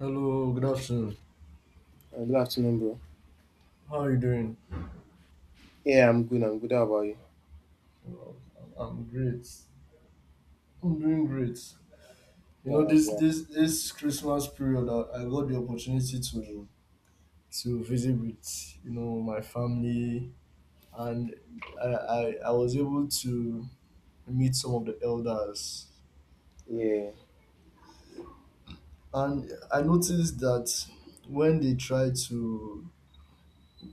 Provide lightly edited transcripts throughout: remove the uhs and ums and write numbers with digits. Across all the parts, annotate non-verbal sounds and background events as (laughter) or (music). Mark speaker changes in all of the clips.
Speaker 1: Hello, good afternoon.
Speaker 2: Good afternoon, bro.
Speaker 1: How are you doing?
Speaker 2: Yeah, I'm good. How about you?
Speaker 1: Well, I'm great. I'm doing great. You know,
Speaker 2: Nice,
Speaker 1: this
Speaker 2: nice.
Speaker 1: this Christmas period, I got the opportunity to visit with my family, and I was able to meet some of the elders,
Speaker 2: Yeah.
Speaker 1: and I noticed that when they try to,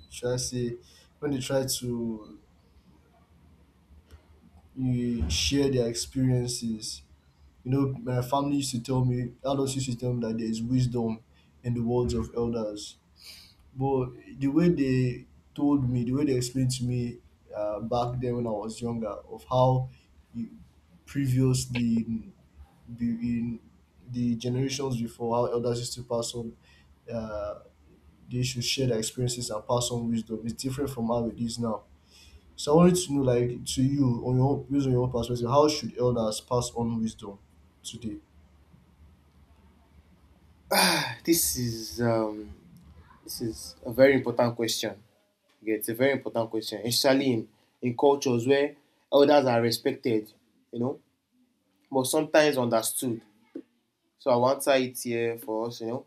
Speaker 1: should I say, when they try to eh, share their experiences. You know, my family used to tell me, adults used to tell me that there is wisdom in the words of elders. But the way they told me, the way they explained to me, back then when I was younger, of how you, previously in, be- in the generations before, how elders used to pass on, uh, they should share their experiences and pass on wisdom. It's different from how it is now. So I wanted to know, like, to you, on your own, based on your own perspective, how should elders pass on wisdom today?
Speaker 2: Ah, This is um, this is a very important question. Yeah, it's a very important question, especially in cultures where elders are respected, you know, but sometimes understood. So I will answer it here for us. You know,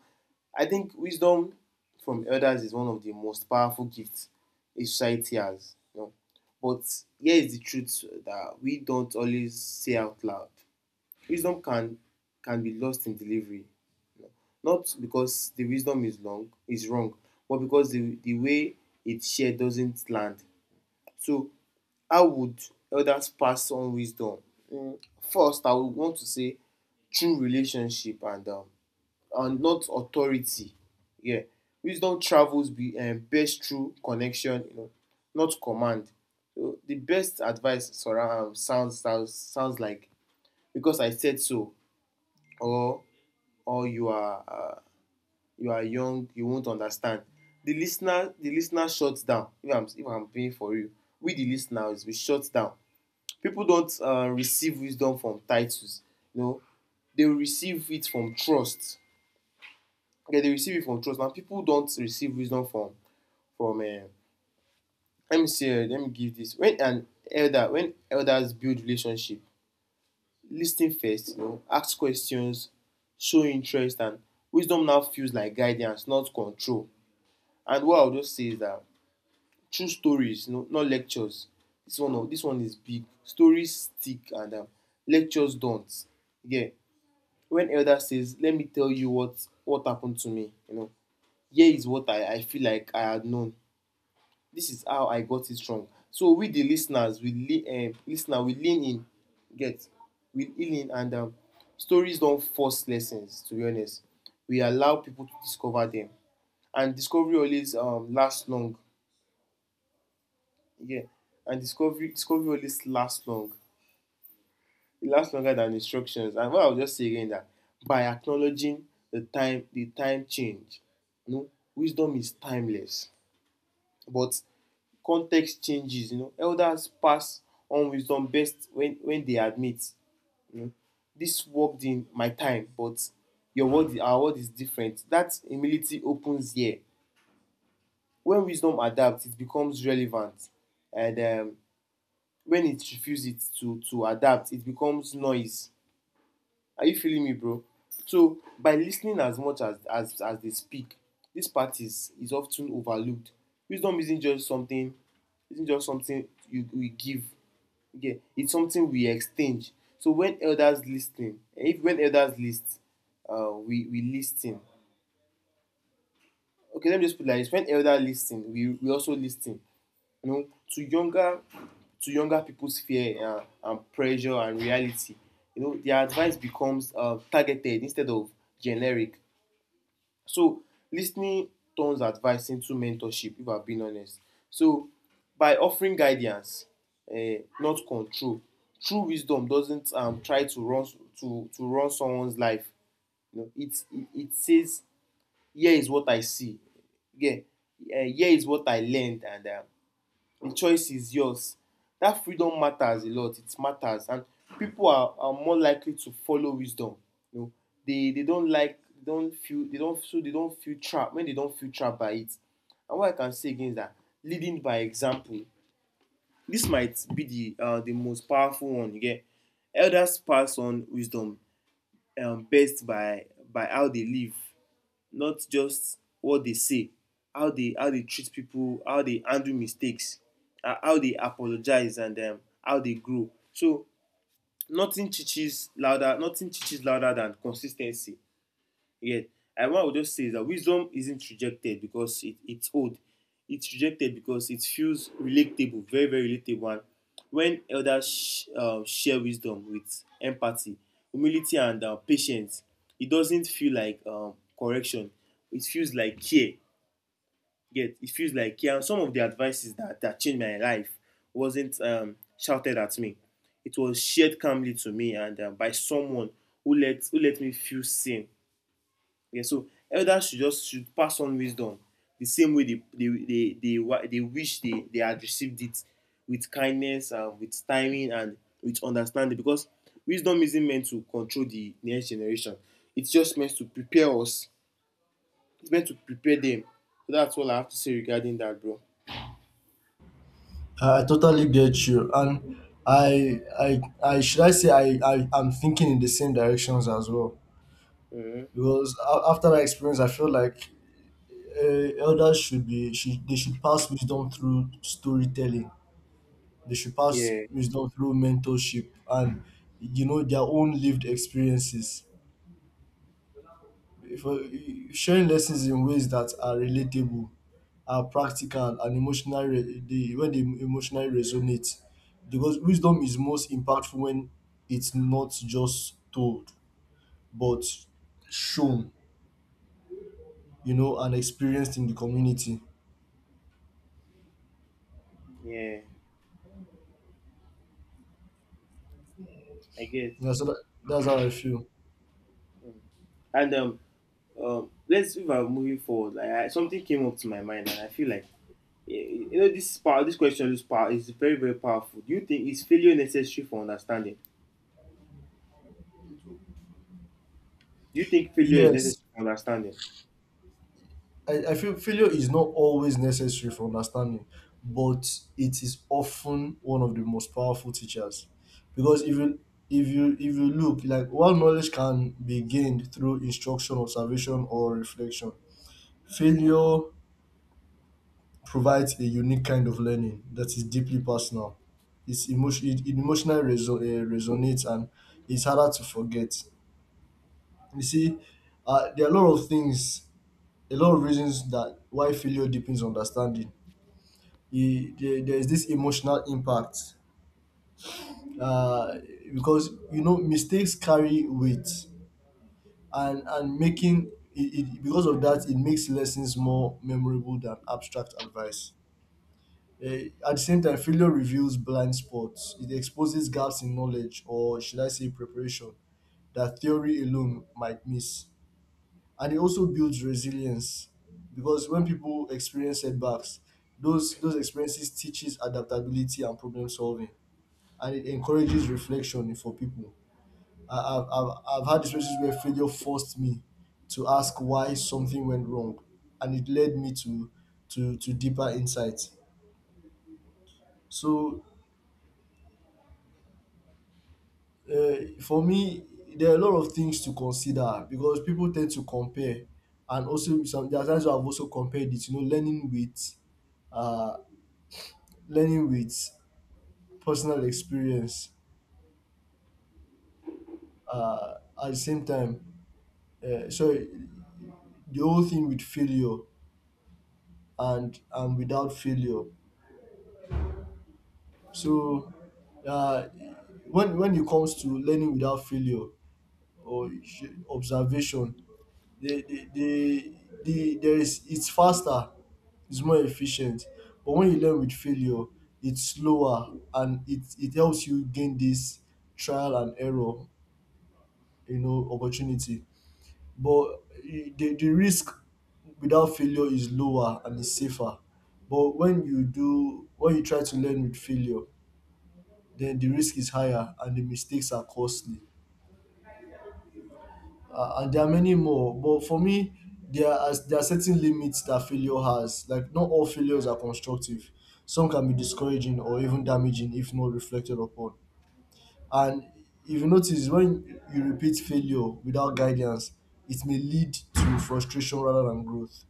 Speaker 2: I think wisdom from elders is one of the most powerful gifts a society has. You know, but here is the truth that we don't always say out loud. Wisdom can be lost in delivery, not because the wisdom is wrong, but because the way it's shared doesn't land. So how would elders pass on wisdom? First, I would want to say true relationship and and not authority. Yeah, wisdom travels be best through connection, you know, not command. So the best advice surround sounds sounds sounds like because I said so, or or you are young, you won't understand. The listener shuts down. If I'm paying for you, we the listeners, we shut down. People don't receive wisdom from titles, you know, they receive it from trust. Okay, they receive it from trust. Now people don't receive wisdom from let me say, let me give this. When elders build relationship, lis first, you know, ask questions, show interest, and wisdom now feels like guidance, not control. And what I will just say is that true stories, you know, not lectures. This one, oh, this one is big. Stories stick, and lectures don't. Yeah. When elder says, "Let me tell you what happened to me," you know, here is what I feel like I had known. This is how I got it wrong. So we the listeners, we lean in, get, we lean in, and stories don't force lessons. To be honest, we allow people to discover them, and discovery always lasts long. Yeah. And discovery always lasts long. It lasts longer than instructions. And what I'll just say again that by acknowledging the time change, you know, wisdom is timeless. But context changes, you know. Elders pass on wisdom best when they admit, you know, this worked in my time, but your world our world is different. That humility opens here. When wisdom adapts, it becomes relevant. And When it refuses to adapt, it becomes noise. Are you feeling me, bro? So by listening as much as they speak, this part is often overlooked. Wisdom isn't just something, isn't just something you, we give. Okay, it's something we exchange. So when elders lis if when elders list we lis okay let me just put it like this: when elders lis we also lis you know, to younger people's fear, and pressure and reality, you know, their advice becomes targeted instead of generic. So listening turns advice into mentorship, if I'm being honest. So by offering guidance, not control, true wisdom doesn't try to run, to run someone's life. You know, it says, here is what I see. Yeah. Here is what I learned, and the choice is yours. That freedom matters a lot. It matters. And people are more likely to follow wisdom, you know. They don't like they don't feel they don't so they don't feel trapped when they don't feel trapped by it. And what I can say again is that leading by example, this might be the most powerful one, you get. Elders pass on wisdom best by how they live, not just what they say, how they treat people, how they handle mistakes, how they apologize, and how they grow. So nothing teaches louder than consis ten cy. Yeah. And what I would just say is that wisdom isn't rejected because it's old. It's rejected because it feels relatable, very, very relatable. And when elders share wisdom with empathy, humility, and patience, it doesn't feel like correction. It feels like care. Yet it feels like care. And some of the advices that changed my life wasn't shouted at me. It was shared calmly to me and by someone who let me feel seen. Yeah, so elders should just should pass on wisdom the same way they wish they had received it, with kindness and with timing and with understanding, because wisdom isn't meant to control the next generation, it's just meant to prepare us it's meant to prepare them. So that's all I have to say regarding that, bro.
Speaker 1: I totally get you, and I should I say, I'm thinking in the same directions as well.
Speaker 2: Mm-hmm.
Speaker 1: Because after that experience, I feel like, uh, elders should pass wisdom through storytelling. They should pass
Speaker 2: Yeah,
Speaker 1: wisdom through mentorship and their own lived experiences. For sharing lessons in ways that are relatable, are practical, and emotional re- dey when dey emotionally resonate, because wisdom is most impactful when it's not just told but shown, and experienced in the community.
Speaker 2: yeah, I get.
Speaker 1: Yeah, so that's how I feel.
Speaker 2: And let's, if I'm moving forward, like I, something came up to my mind, and I feel like, you know, this question is power, is very, very powerful. Do you think is failure necessary for understanding? Do you think failure is
Speaker 1: Yes,
Speaker 2: necessary for understanding?
Speaker 1: I feel failure is not always necessary for understanding, but it is often one of the most powerful teachers. Because if you look, like, while knowledge can be gained through instruction, observation, or reflection, failure provides a unique kind of learning that is deeply personal. It emotionally resonates and it's harder to forget. You see, there are a lot of things, a lot of reasons that why failure deepens understanding. There's this emotional impact, uh, because mistakes carry weight, and making it because of that, it makes lessons more memorable than abstract advice. At the same time, failure reveals blind spots. It exposes gaps in knowledge, or should I say preparation, that theory alone might miss. And it also builds resilience, because when people experience setbacks, those experiences teaches adaptability and problem solving. And it encourages reflection for people. I, I've, I've, I've had experiences where failure forced me to ask why something went wrong, and it led me to deeper insights. So, for me, there are a lot of things to consider, because people tend to compare, and also some, there are times where I've also compared it. You know, learning with, uh, learning with personal experience, uh, at the same time. So the whole thing with failure and without failure. So, uh, when it comes to learning without failure or observation, the the, the, the there is it's faster, it's more efficient. But when you learn with failure, it's slower, and it helps you gain this trial and error, you know, opportunity. But the risk without failure is lower and is safer, but when you try to learn with failure, then the risk is higher and the mistakes are costly. And there are many more, but for me, there are certain limits that failure has, like not all failures are constructive. Some can be discouraging or even damaging if not reflected upon. And if you notice, when you repeat failure without guidance, it may lead to frustration rather than growth.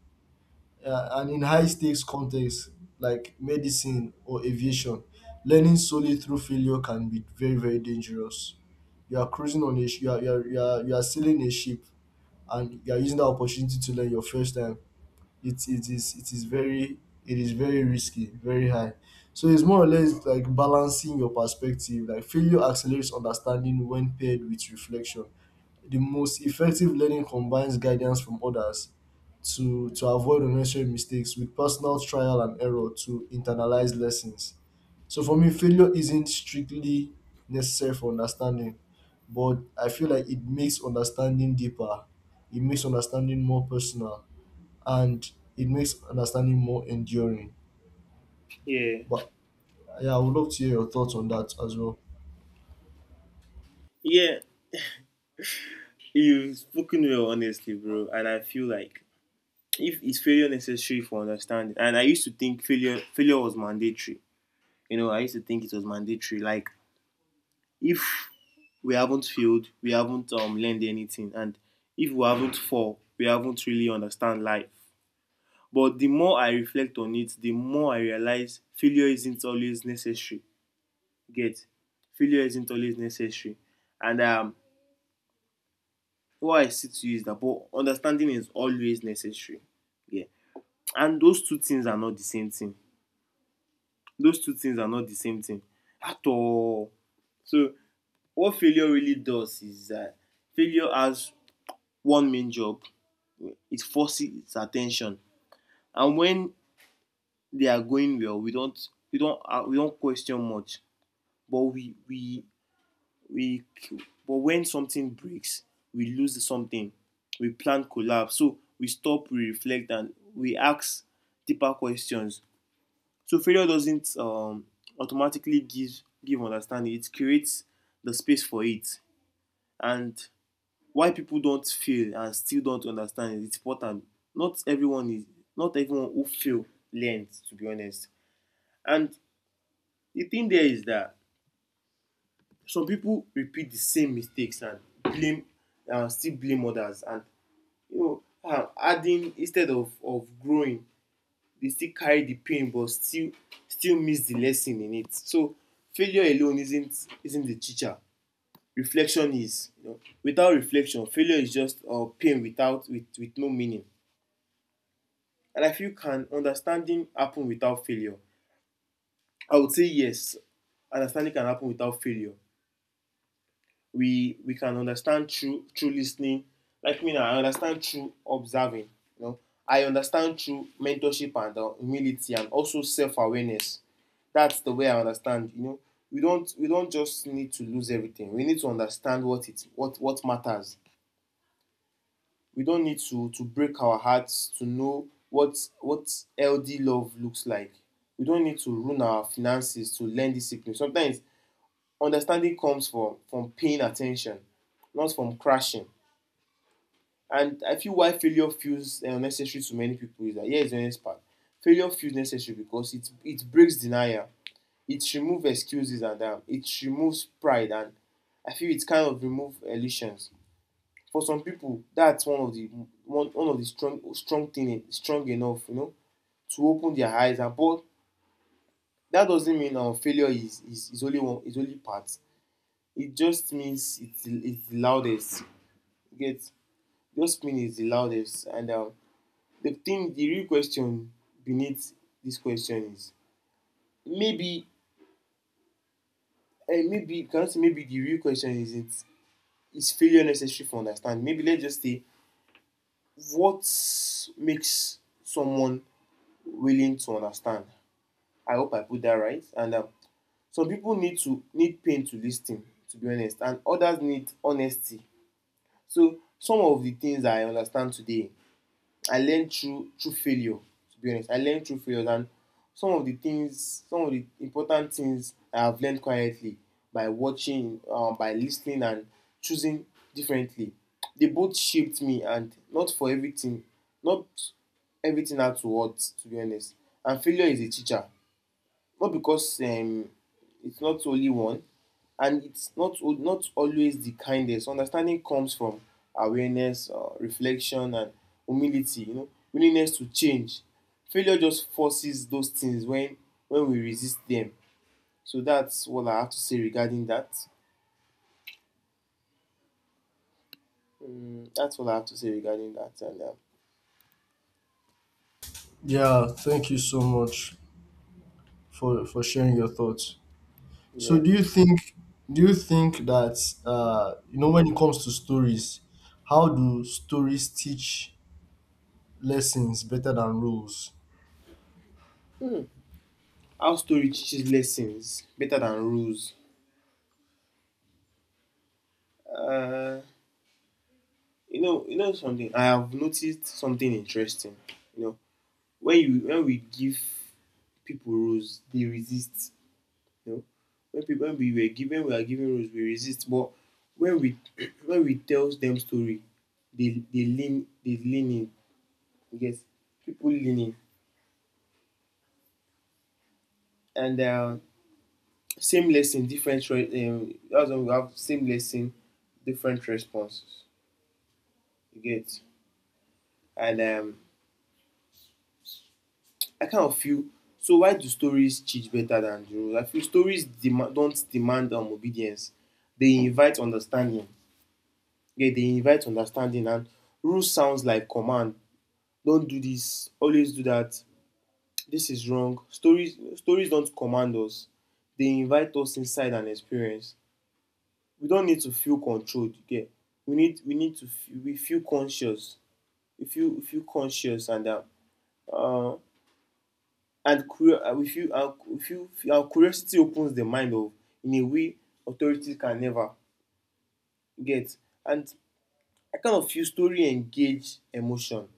Speaker 1: And in high stakes contexts like medicine or aviation, learning solely through failure can be very, very dangerous. You are cruising on a sh- You are sailing a ship, and you are using the opportunity to learn your first time. It it is it is very it is very risky, very high. So it's more or less like balancing your perspective. Like failure accelerates understanding when paired with reflection. The most effective learning combines guidance from others to avoid unnecessary mistakes with personal trial and error to internalize lessons. So for me, failure isn't strictly necessary for understanding, but I feel like it makes understanding deeper. It makes understanding more personal, and it makes understanding more enduring.
Speaker 2: Yeah.
Speaker 1: But yeah, I would love to hear your thoughts on that as well.
Speaker 2: Yeah. You've spoken well, honestly, bro. And I feel like if is failure necessary for understanding, and I used to think failure was mandatory. You know, I used to think it was mandatory. Like if we haven't failed, we haven't learned anything, and if we haven't fall, we haven't really understand life. But the more I reflect on it, the more I realize failure isn't always necessary. Get. Failure isn't always necessary. And What I see to you is that but understanding is always necessary. Yeah. And those two things are not the same thing. Those two things are not the same thing at all. So what failure really does is that failure has one main job: it forces its attention. And when they are going well, we don't, we don't question much. But we but when something breaks, we lose something, we plan collapse, so we stop, we reflect, and we ask deeper questions. So failure doesn't automatically give understanding. It creates the space for it. And why people don't fail and still don't understand is it's important. Not everyone is not everyone who fail learns, to be honest. And the thing there is that some people repeat the same mistakes and blame and still blame others, and you know, adding instead of growing. They still carry the pain but still, still miss the lesson in it. So failure alone isn't the teacher. Reflection is. You know, without reflection, failure is just pain without, with no meaning. And I feel can understanding happen without failure? I would say yes. Understanding can happen without failure. We can understand through listening. Like me now, I understand through observing, you know. I understand through mentorship and humility and also self-awareness. That's the way I understand, you know. We don't just need to lose everything. We need to understand what it, what matters. We don't need to break our hearts to know what healthy love looks like. We don't need to ruin our finances to learn discipline. Sometimes understanding comes from paying attention, not from crashing. And I feel why failure feels necessary to many people is that here is the next part. Failure feels necessary because it breaks denial, it removes excuses, and it removes pride, and I feel it kind of removes illusions. For some people, that's one of the one of the strong strong thing strong enough, you know, to open their eyes. And but that doesn't mean failure is only one, is only part. It just means it's the loudest. You get, those spin is the loudest. And The thing, the real question beneath this question is maybe, maybe, can I say maybe the real question is it is failure necessary for understanding? Maybe let's just say what makes someone willing to understand. I hope I put that right. And Some people need to need pain to listen, to be honest, and others need honesty. So some of the things I understand today I learned through failure. To be honest, I learned through failure, and some of the things, some of the important things I have learned quietly by watching, by listening, and choosing differently. They both shaped me, and not for everything, not everything at once. To be honest, and failure is a teacher not because it's not only one, and it's not not always the kindest. Understanding comes from awareness, reflection, and humility. You know, willingness to change. Failure just forces those things when we resist them. So that's what I have to say regarding that. That's what I have to say regarding that.
Speaker 1: Yeah, thank you so much for sharing your thoughts. So
Speaker 2: Yeah,
Speaker 1: do you think that, when it comes to stories, how do stories teach lessons better than rules?
Speaker 2: how story teaches lessons better than rules. Uh, you know something. I have noticed something interesting. You know, when we give people roles, they resist, you know. When people when we were given we are given roles, we resist, but when we (clears throat) when we tell them story, they lean in. You People lean in. And same lesson different re- that's when we have same lesson, different responses you get. And I kind of feel, so why do stories teach better than the roles? I feel stories dem don't demand obedience, they invite understanding. Yeah, they invite understanding, and rule sounds like command. Don't do this, always do that, this is wrong. Stories don't command us. They invite us inside an experience. We don't need to feel controlled, yeah. We need to feel, we feel conscious. We feel conscious uh and we feel, we feel our curiosity opens the mind of in a way authority can never get. And I kind of feel story engage emotion,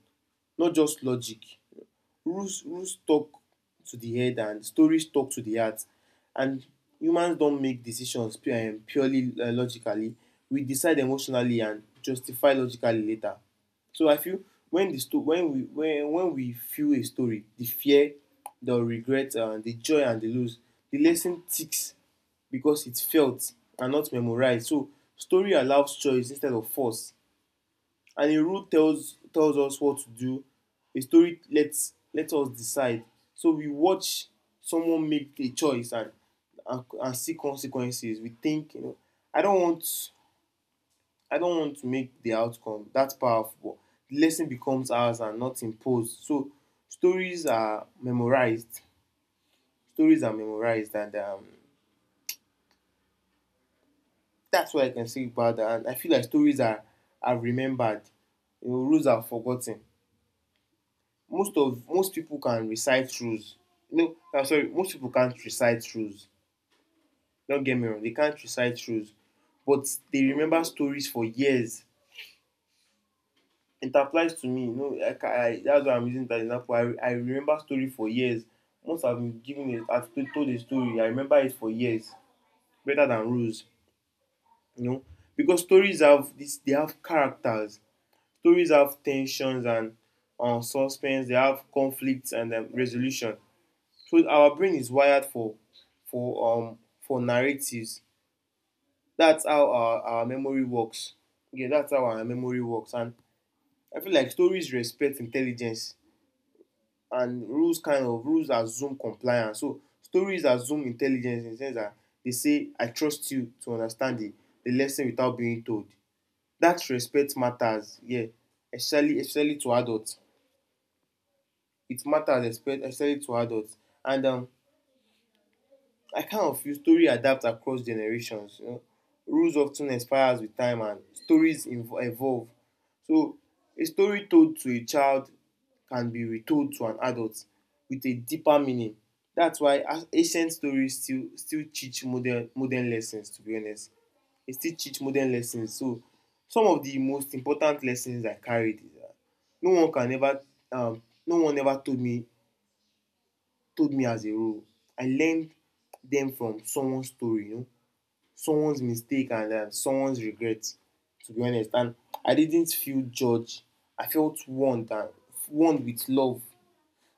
Speaker 2: not just logic. Rules talk to the head and stories talk to the heart. And humans don't make decisions purely logically. We decide emotionally and justify logically later. So I feel, when the sto- when we feel a story, the fear, the regret, the joy and the loss, the lesson sticks because it's felt and not memorized. So story allows choice instead of force. And a rule tells us what to do. A story lets let us decide. So we watch someone make a choice and and see consequences. We think, you know, I don't want I don't want to make the outcome. That's powerful. The lesson becomes ours and not imposed. So stories are memorized. Stories are memorized, and That's what I can say about that. And I feel like stories are remembered. You know, rules are forgotten. Most people can recite rules. No, I'm sorry, most people can't recite rules. Don't get me wrong, they can't recite rules, but they remember stories for years. It applies to me, you know. I That's why I'm using that example. I remember story for years. Once I've told a story, I remember it for years, better than rules, you know. Because stories have this, they have characters. Stories have tensions sions and suspense, they have conflicts and resolution. So our brain is wired for narratives. That's how our memory works. Yeah, that's how our memory works. And I feel like stories respect intelligence, and rules kind of rules assume compliance. So stories assume intelligence, in the sense that they say, I trust you to understand the lesson without being told. That respect matters, yeah. Especially to adults. It matters especially to adults. And I kind of feel stories adapt across generations, you know. Rules of ten expires with time, and stories evolve. So a story told to a child can be retold to an adult with a deeper meaning. That's why ancient stories still still teach modern lessons, to be honest. They still teach modern lessons. So some of the most important lessons I carried is that no one can ever no one ever told me as a rule. I learned them from someone's story, you know, someone's mistake, and someone's regret, to be honest. And I didn't feel judged. I felt warned, and warned with love.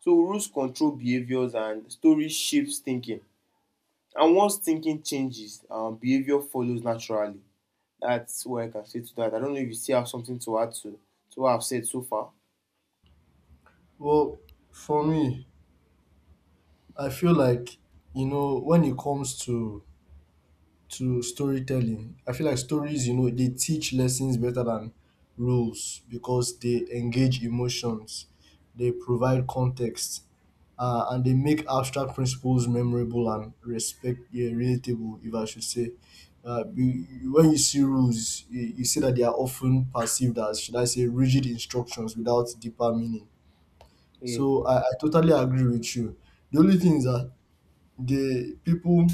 Speaker 2: So rules control behaviors and stories shapes thinking. And once thinking changes, behavior follows naturally. That's what I can say to that. I don't know if you still have something to add to what I've said so far.
Speaker 1: Well, for me, I feel like, you know, when it comes to storytelling. I feel like stories, you know, they teach lessons better than rules, because they engage emotions, they provide context, and they make abstract principles memorable and relatable, if I should say. When you see rules, you see that they are often perceived as, should I say, rigid instructions without deeper meaning.
Speaker 2: Yeah.
Speaker 1: So I totally agree with you. The only thing is that the people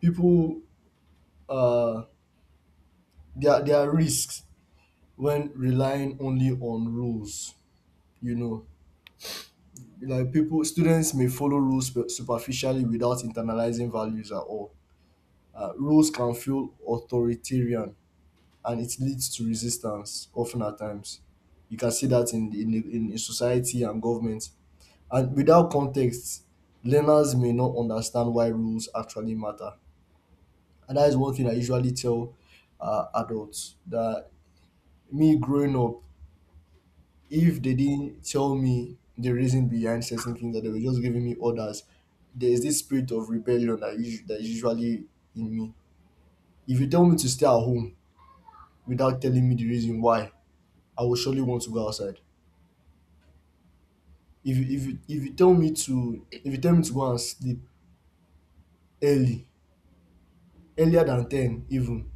Speaker 1: people uh there are risks when relying only on rules. You know, like people, students, may follow rules superficially without internalizing values at all. Rules can feel authoritarian, and it leads to resistance, often at times. You can see that in in society and government. And without context, learners may not understand why rules actually matter. And that is one thing I usually tell adults, that me growing up, if they didn't tell me the reason behind certain things, that they were just giving me orders, there is this spirit of rebellion that is usually in me. If you tell me to stay at home without telling me the reason why, I will surely want to go outside. If you tell me to, if you tell me to go and sleep early, earlier than 10 even,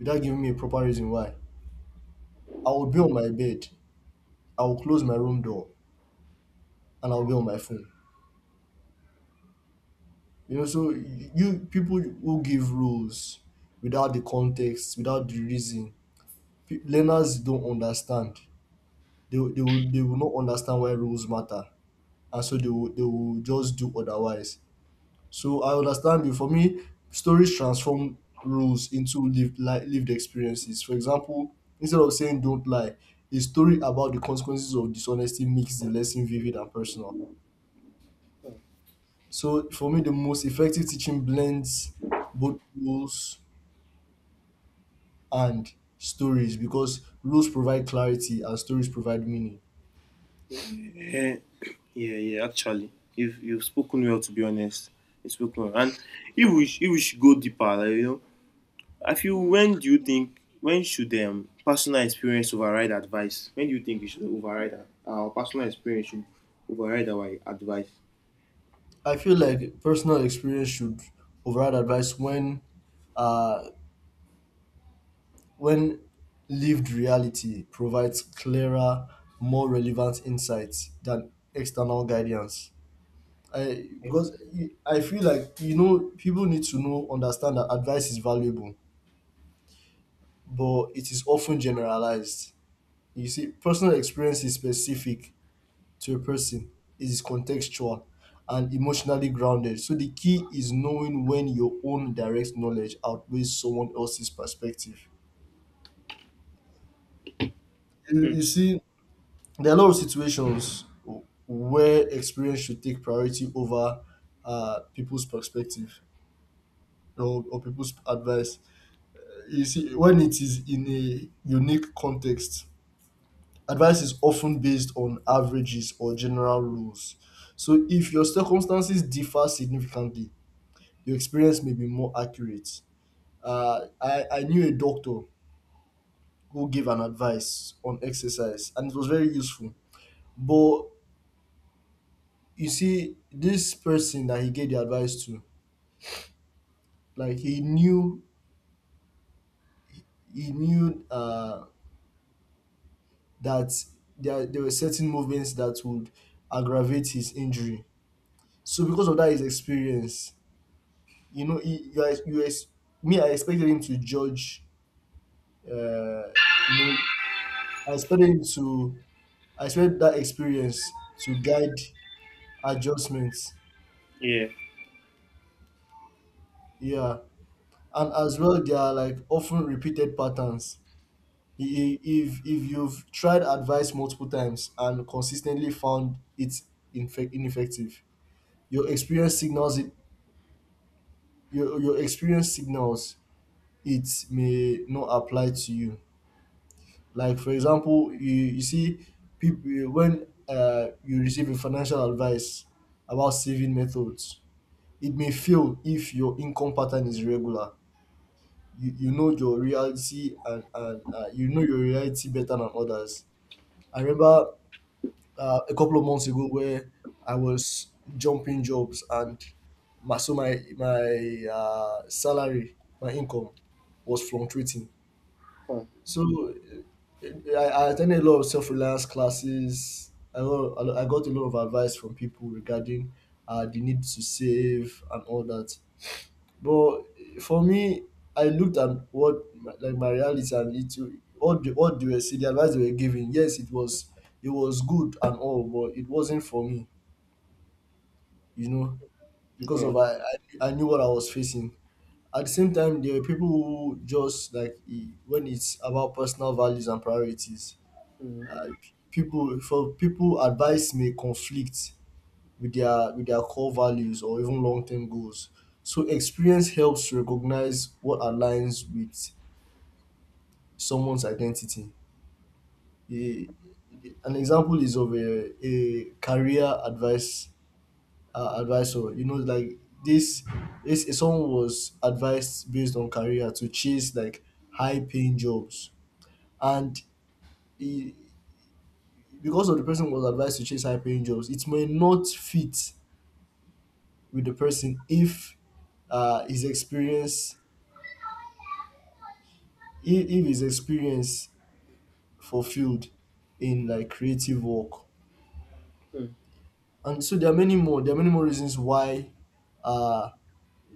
Speaker 1: without giving me a proper reason why, I will be on my bed, I will close my room door, and I'll be on my phone. You know, so you, people who give rules without the context, without the reason, learners don't understand. They will not understand why rules matter, and so they will just do otherwise. So I understand you. For me, stories transform rules into lived lived experiences. For example, instead of saying "don't lie," a story about the consequences of dishonesty makes the lesson vivid and personal. So for me, the most effective teaching blends both rules and stories, because rules provide clarity and stories provide meaning.
Speaker 2: Eh, yeah, actually, you've spoken well, to be honest. You've spoken well. And if we should go deeper, like, you know, I feel when do you think when should personal experience override advice? When do you think we should override our personal experience should override our advice?
Speaker 1: I feel like personal experience should override advice when, uh, when lived reality provides clearer, more relevant insights than external guidance. I
Speaker 2: Eh?
Speaker 1: because e, I feel like, people need to know understand that advice is valuable, but it is often generalized. You see, personal experience is specific to a person, is contextual and emotionally grounded. So the key is knowing when your own direct knowledge outweighs someone else's perspective. You,
Speaker 2: Hmm.
Speaker 1: you see, there are a lot of situations where experience should take priority over people's perspective, or people's advice. You see, when it is in a unique context, advice is often based on averages or general rules. So if your circumstances differ significantly, your experience may be more accurate. I knew a doctor who gave an advice on exercise and it was very useful. But you see, this person that he gave the advice to, like he knew, that there were certain movements that would aggravate his injury. So because of that his experience, he, you ex- me I expected him to judge, uh, you know, I expected him to I expect that experience to guide adjustments.
Speaker 2: Yeah.
Speaker 1: Yeah. And as well, there are, like, often repeated patterns. If you've tried advice multiple times and consistently found it ineffective, your experience signals it. Your experience signals it may not apply to you. Like, for example, you see, people, when you receive a financial advice about saving methods, it may fail if your income pattern is regular. You know your reality, and you know your reality better than others. I remember a couple of months ago where I was jumping jobs, and my so my salary my income was fluctuating.
Speaker 2: Huh.
Speaker 1: So, uh, I attended a lot of self-reliance classes. I got a lot of advice from people regarding the need to save and all that. But for me, I looked at like my reality, and it what the what they were saying, the advice they were giving. Yes, it was, it was good and all, but it wasn't for me, you know, because
Speaker 2: Yeah.
Speaker 1: of I I, I knew what I was facing. At the same time, there were people who just, when it's about personal values and priorities,
Speaker 2: Mm,
Speaker 1: uh, people, for people advice may conflict with their, with their core values or even long-term goals. So experience helps recognize what aligns with someone's identity. A- an example is of a career advice, advisor. You know, like this is, someone was advised based on career to chase, like, high-paying jobs, and he, because of the person was advised to chase high-paying jobs, it may not fit with the person if his experience if his experience fulfilled in, like, creative work.
Speaker 2: mm,
Speaker 1: And so there are many more. There are many more reasons why. Uh,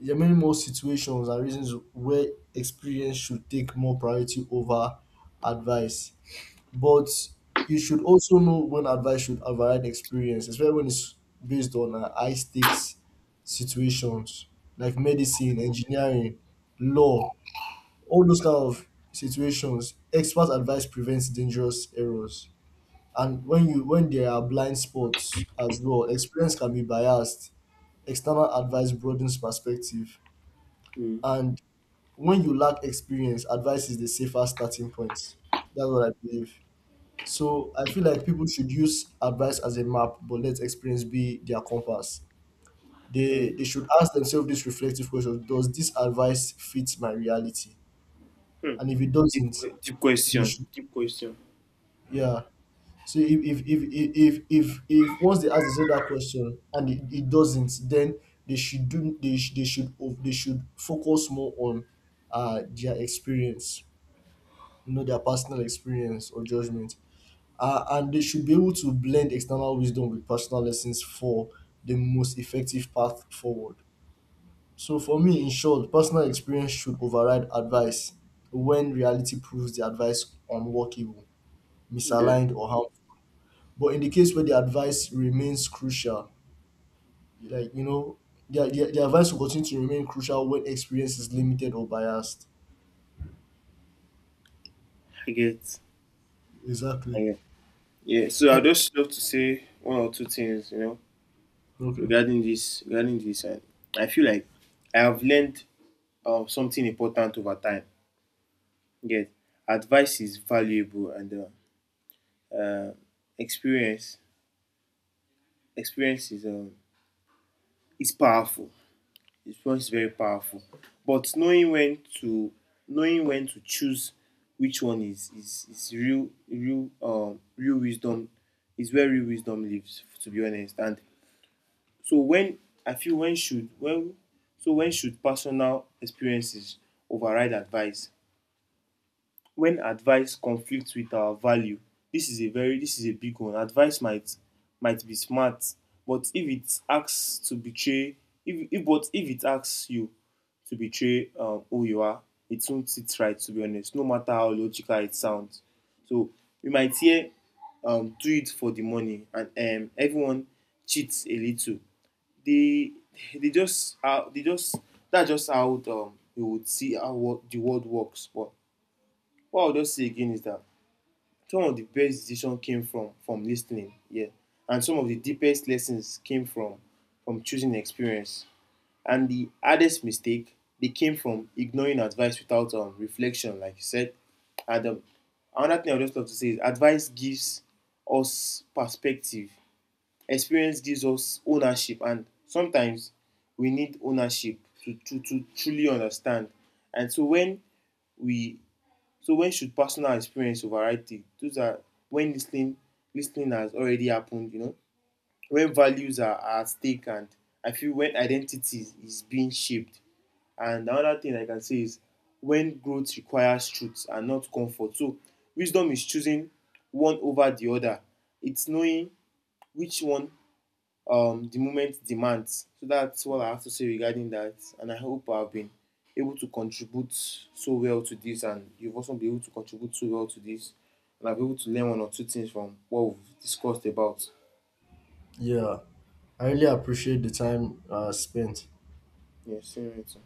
Speaker 1: there are many more situations and reasons where experience should take more priority over advice. But you should also know when advice should override experience, especially when it's based on high stakes situations like medicine, engineering, law. All those kind of situations, expert advice prevents dangerous errors. And when there are blind spots as well, experience can be biased. External advice broadens perspective.
Speaker 2: mm,
Speaker 1: And when you lack experience, advice is the safest starting point. That's what I believe. So I feel like people should use advice as a map, but let experience be their compass.
Speaker 2: mm,
Speaker 1: They should ask themselves this reflective question: does this advice fit my reality?
Speaker 2: mm.
Speaker 1: And if it
Speaker 2: Deep,
Speaker 1: doesn't,
Speaker 2: deep
Speaker 1: then they
Speaker 2: question.
Speaker 1: should.
Speaker 2: Deep question.
Speaker 1: Yeah. So if once they ask themselves that question and it doesn't, then they sh- they should of- they should focus more on their experience, their personal experience or judgment. And they should be able to blend external wisdom with personal lessons for the most effective path forward. So for me, in short, personal experience should override advice when reality proves the advice unworkable,
Speaker 2: Yeah.
Speaker 1: misaligned, or harmful. But in the case where the advice remains crucial, like, you know, the advice will continue to remain crucial when experience is limited or biased.
Speaker 2: I get. I
Speaker 1: Exactly.
Speaker 2: get. Yeah. So
Speaker 1: Uh,
Speaker 2: I just love to say one or two things, you know.
Speaker 1: Okay.
Speaker 2: Regarding this, I feel like I have learned something important over time. Yet advice is valuable and uh, experience, experience is um, is powerful. Experience is very powerful, but knowing when to choose which one is real wisdom is where real wisdom lives, to be honest. And So when I feel when should when so when should personal experiences override advice? When advice conflicts with our value. This is a big one. Advice might be smart, but if it asks to betray if but if it asks you to betray who you are, it won't sit right, to be honest, no matter how logical it sounds. So we might hear, do it for the money, and everyone cheats a little. They they just That's just how, you would see how the world works. But what I'll just say again is that some of the best decisions came from listening, yeah, and some of the deepest lessons came from choosing experience, and the hardest mistake they came from ignoring advice without reflection, like you said. And another thing I would just love to say is advice gives us perspective, experience gives us ownership, and sometimes we need ownership to truly understand. And so when we so when should personal experience override it? Those are when listening, listening has already happened, you know, when values are at stake, and I feel when identity is being shaped. And another thing I can say is when growth requires truth and not comfort. So wisdom is choosing one over the other. It's knowing which one, the moment demands. So that's what I have to say regarding that. And I hope I've been able to contribute so well to this, and you've also been able to contribute so well to this. And I've been able to learn one or two things from what we've discussed about.
Speaker 1: Yeah, I really appreciate the time spent.
Speaker 2: Yes, same here too.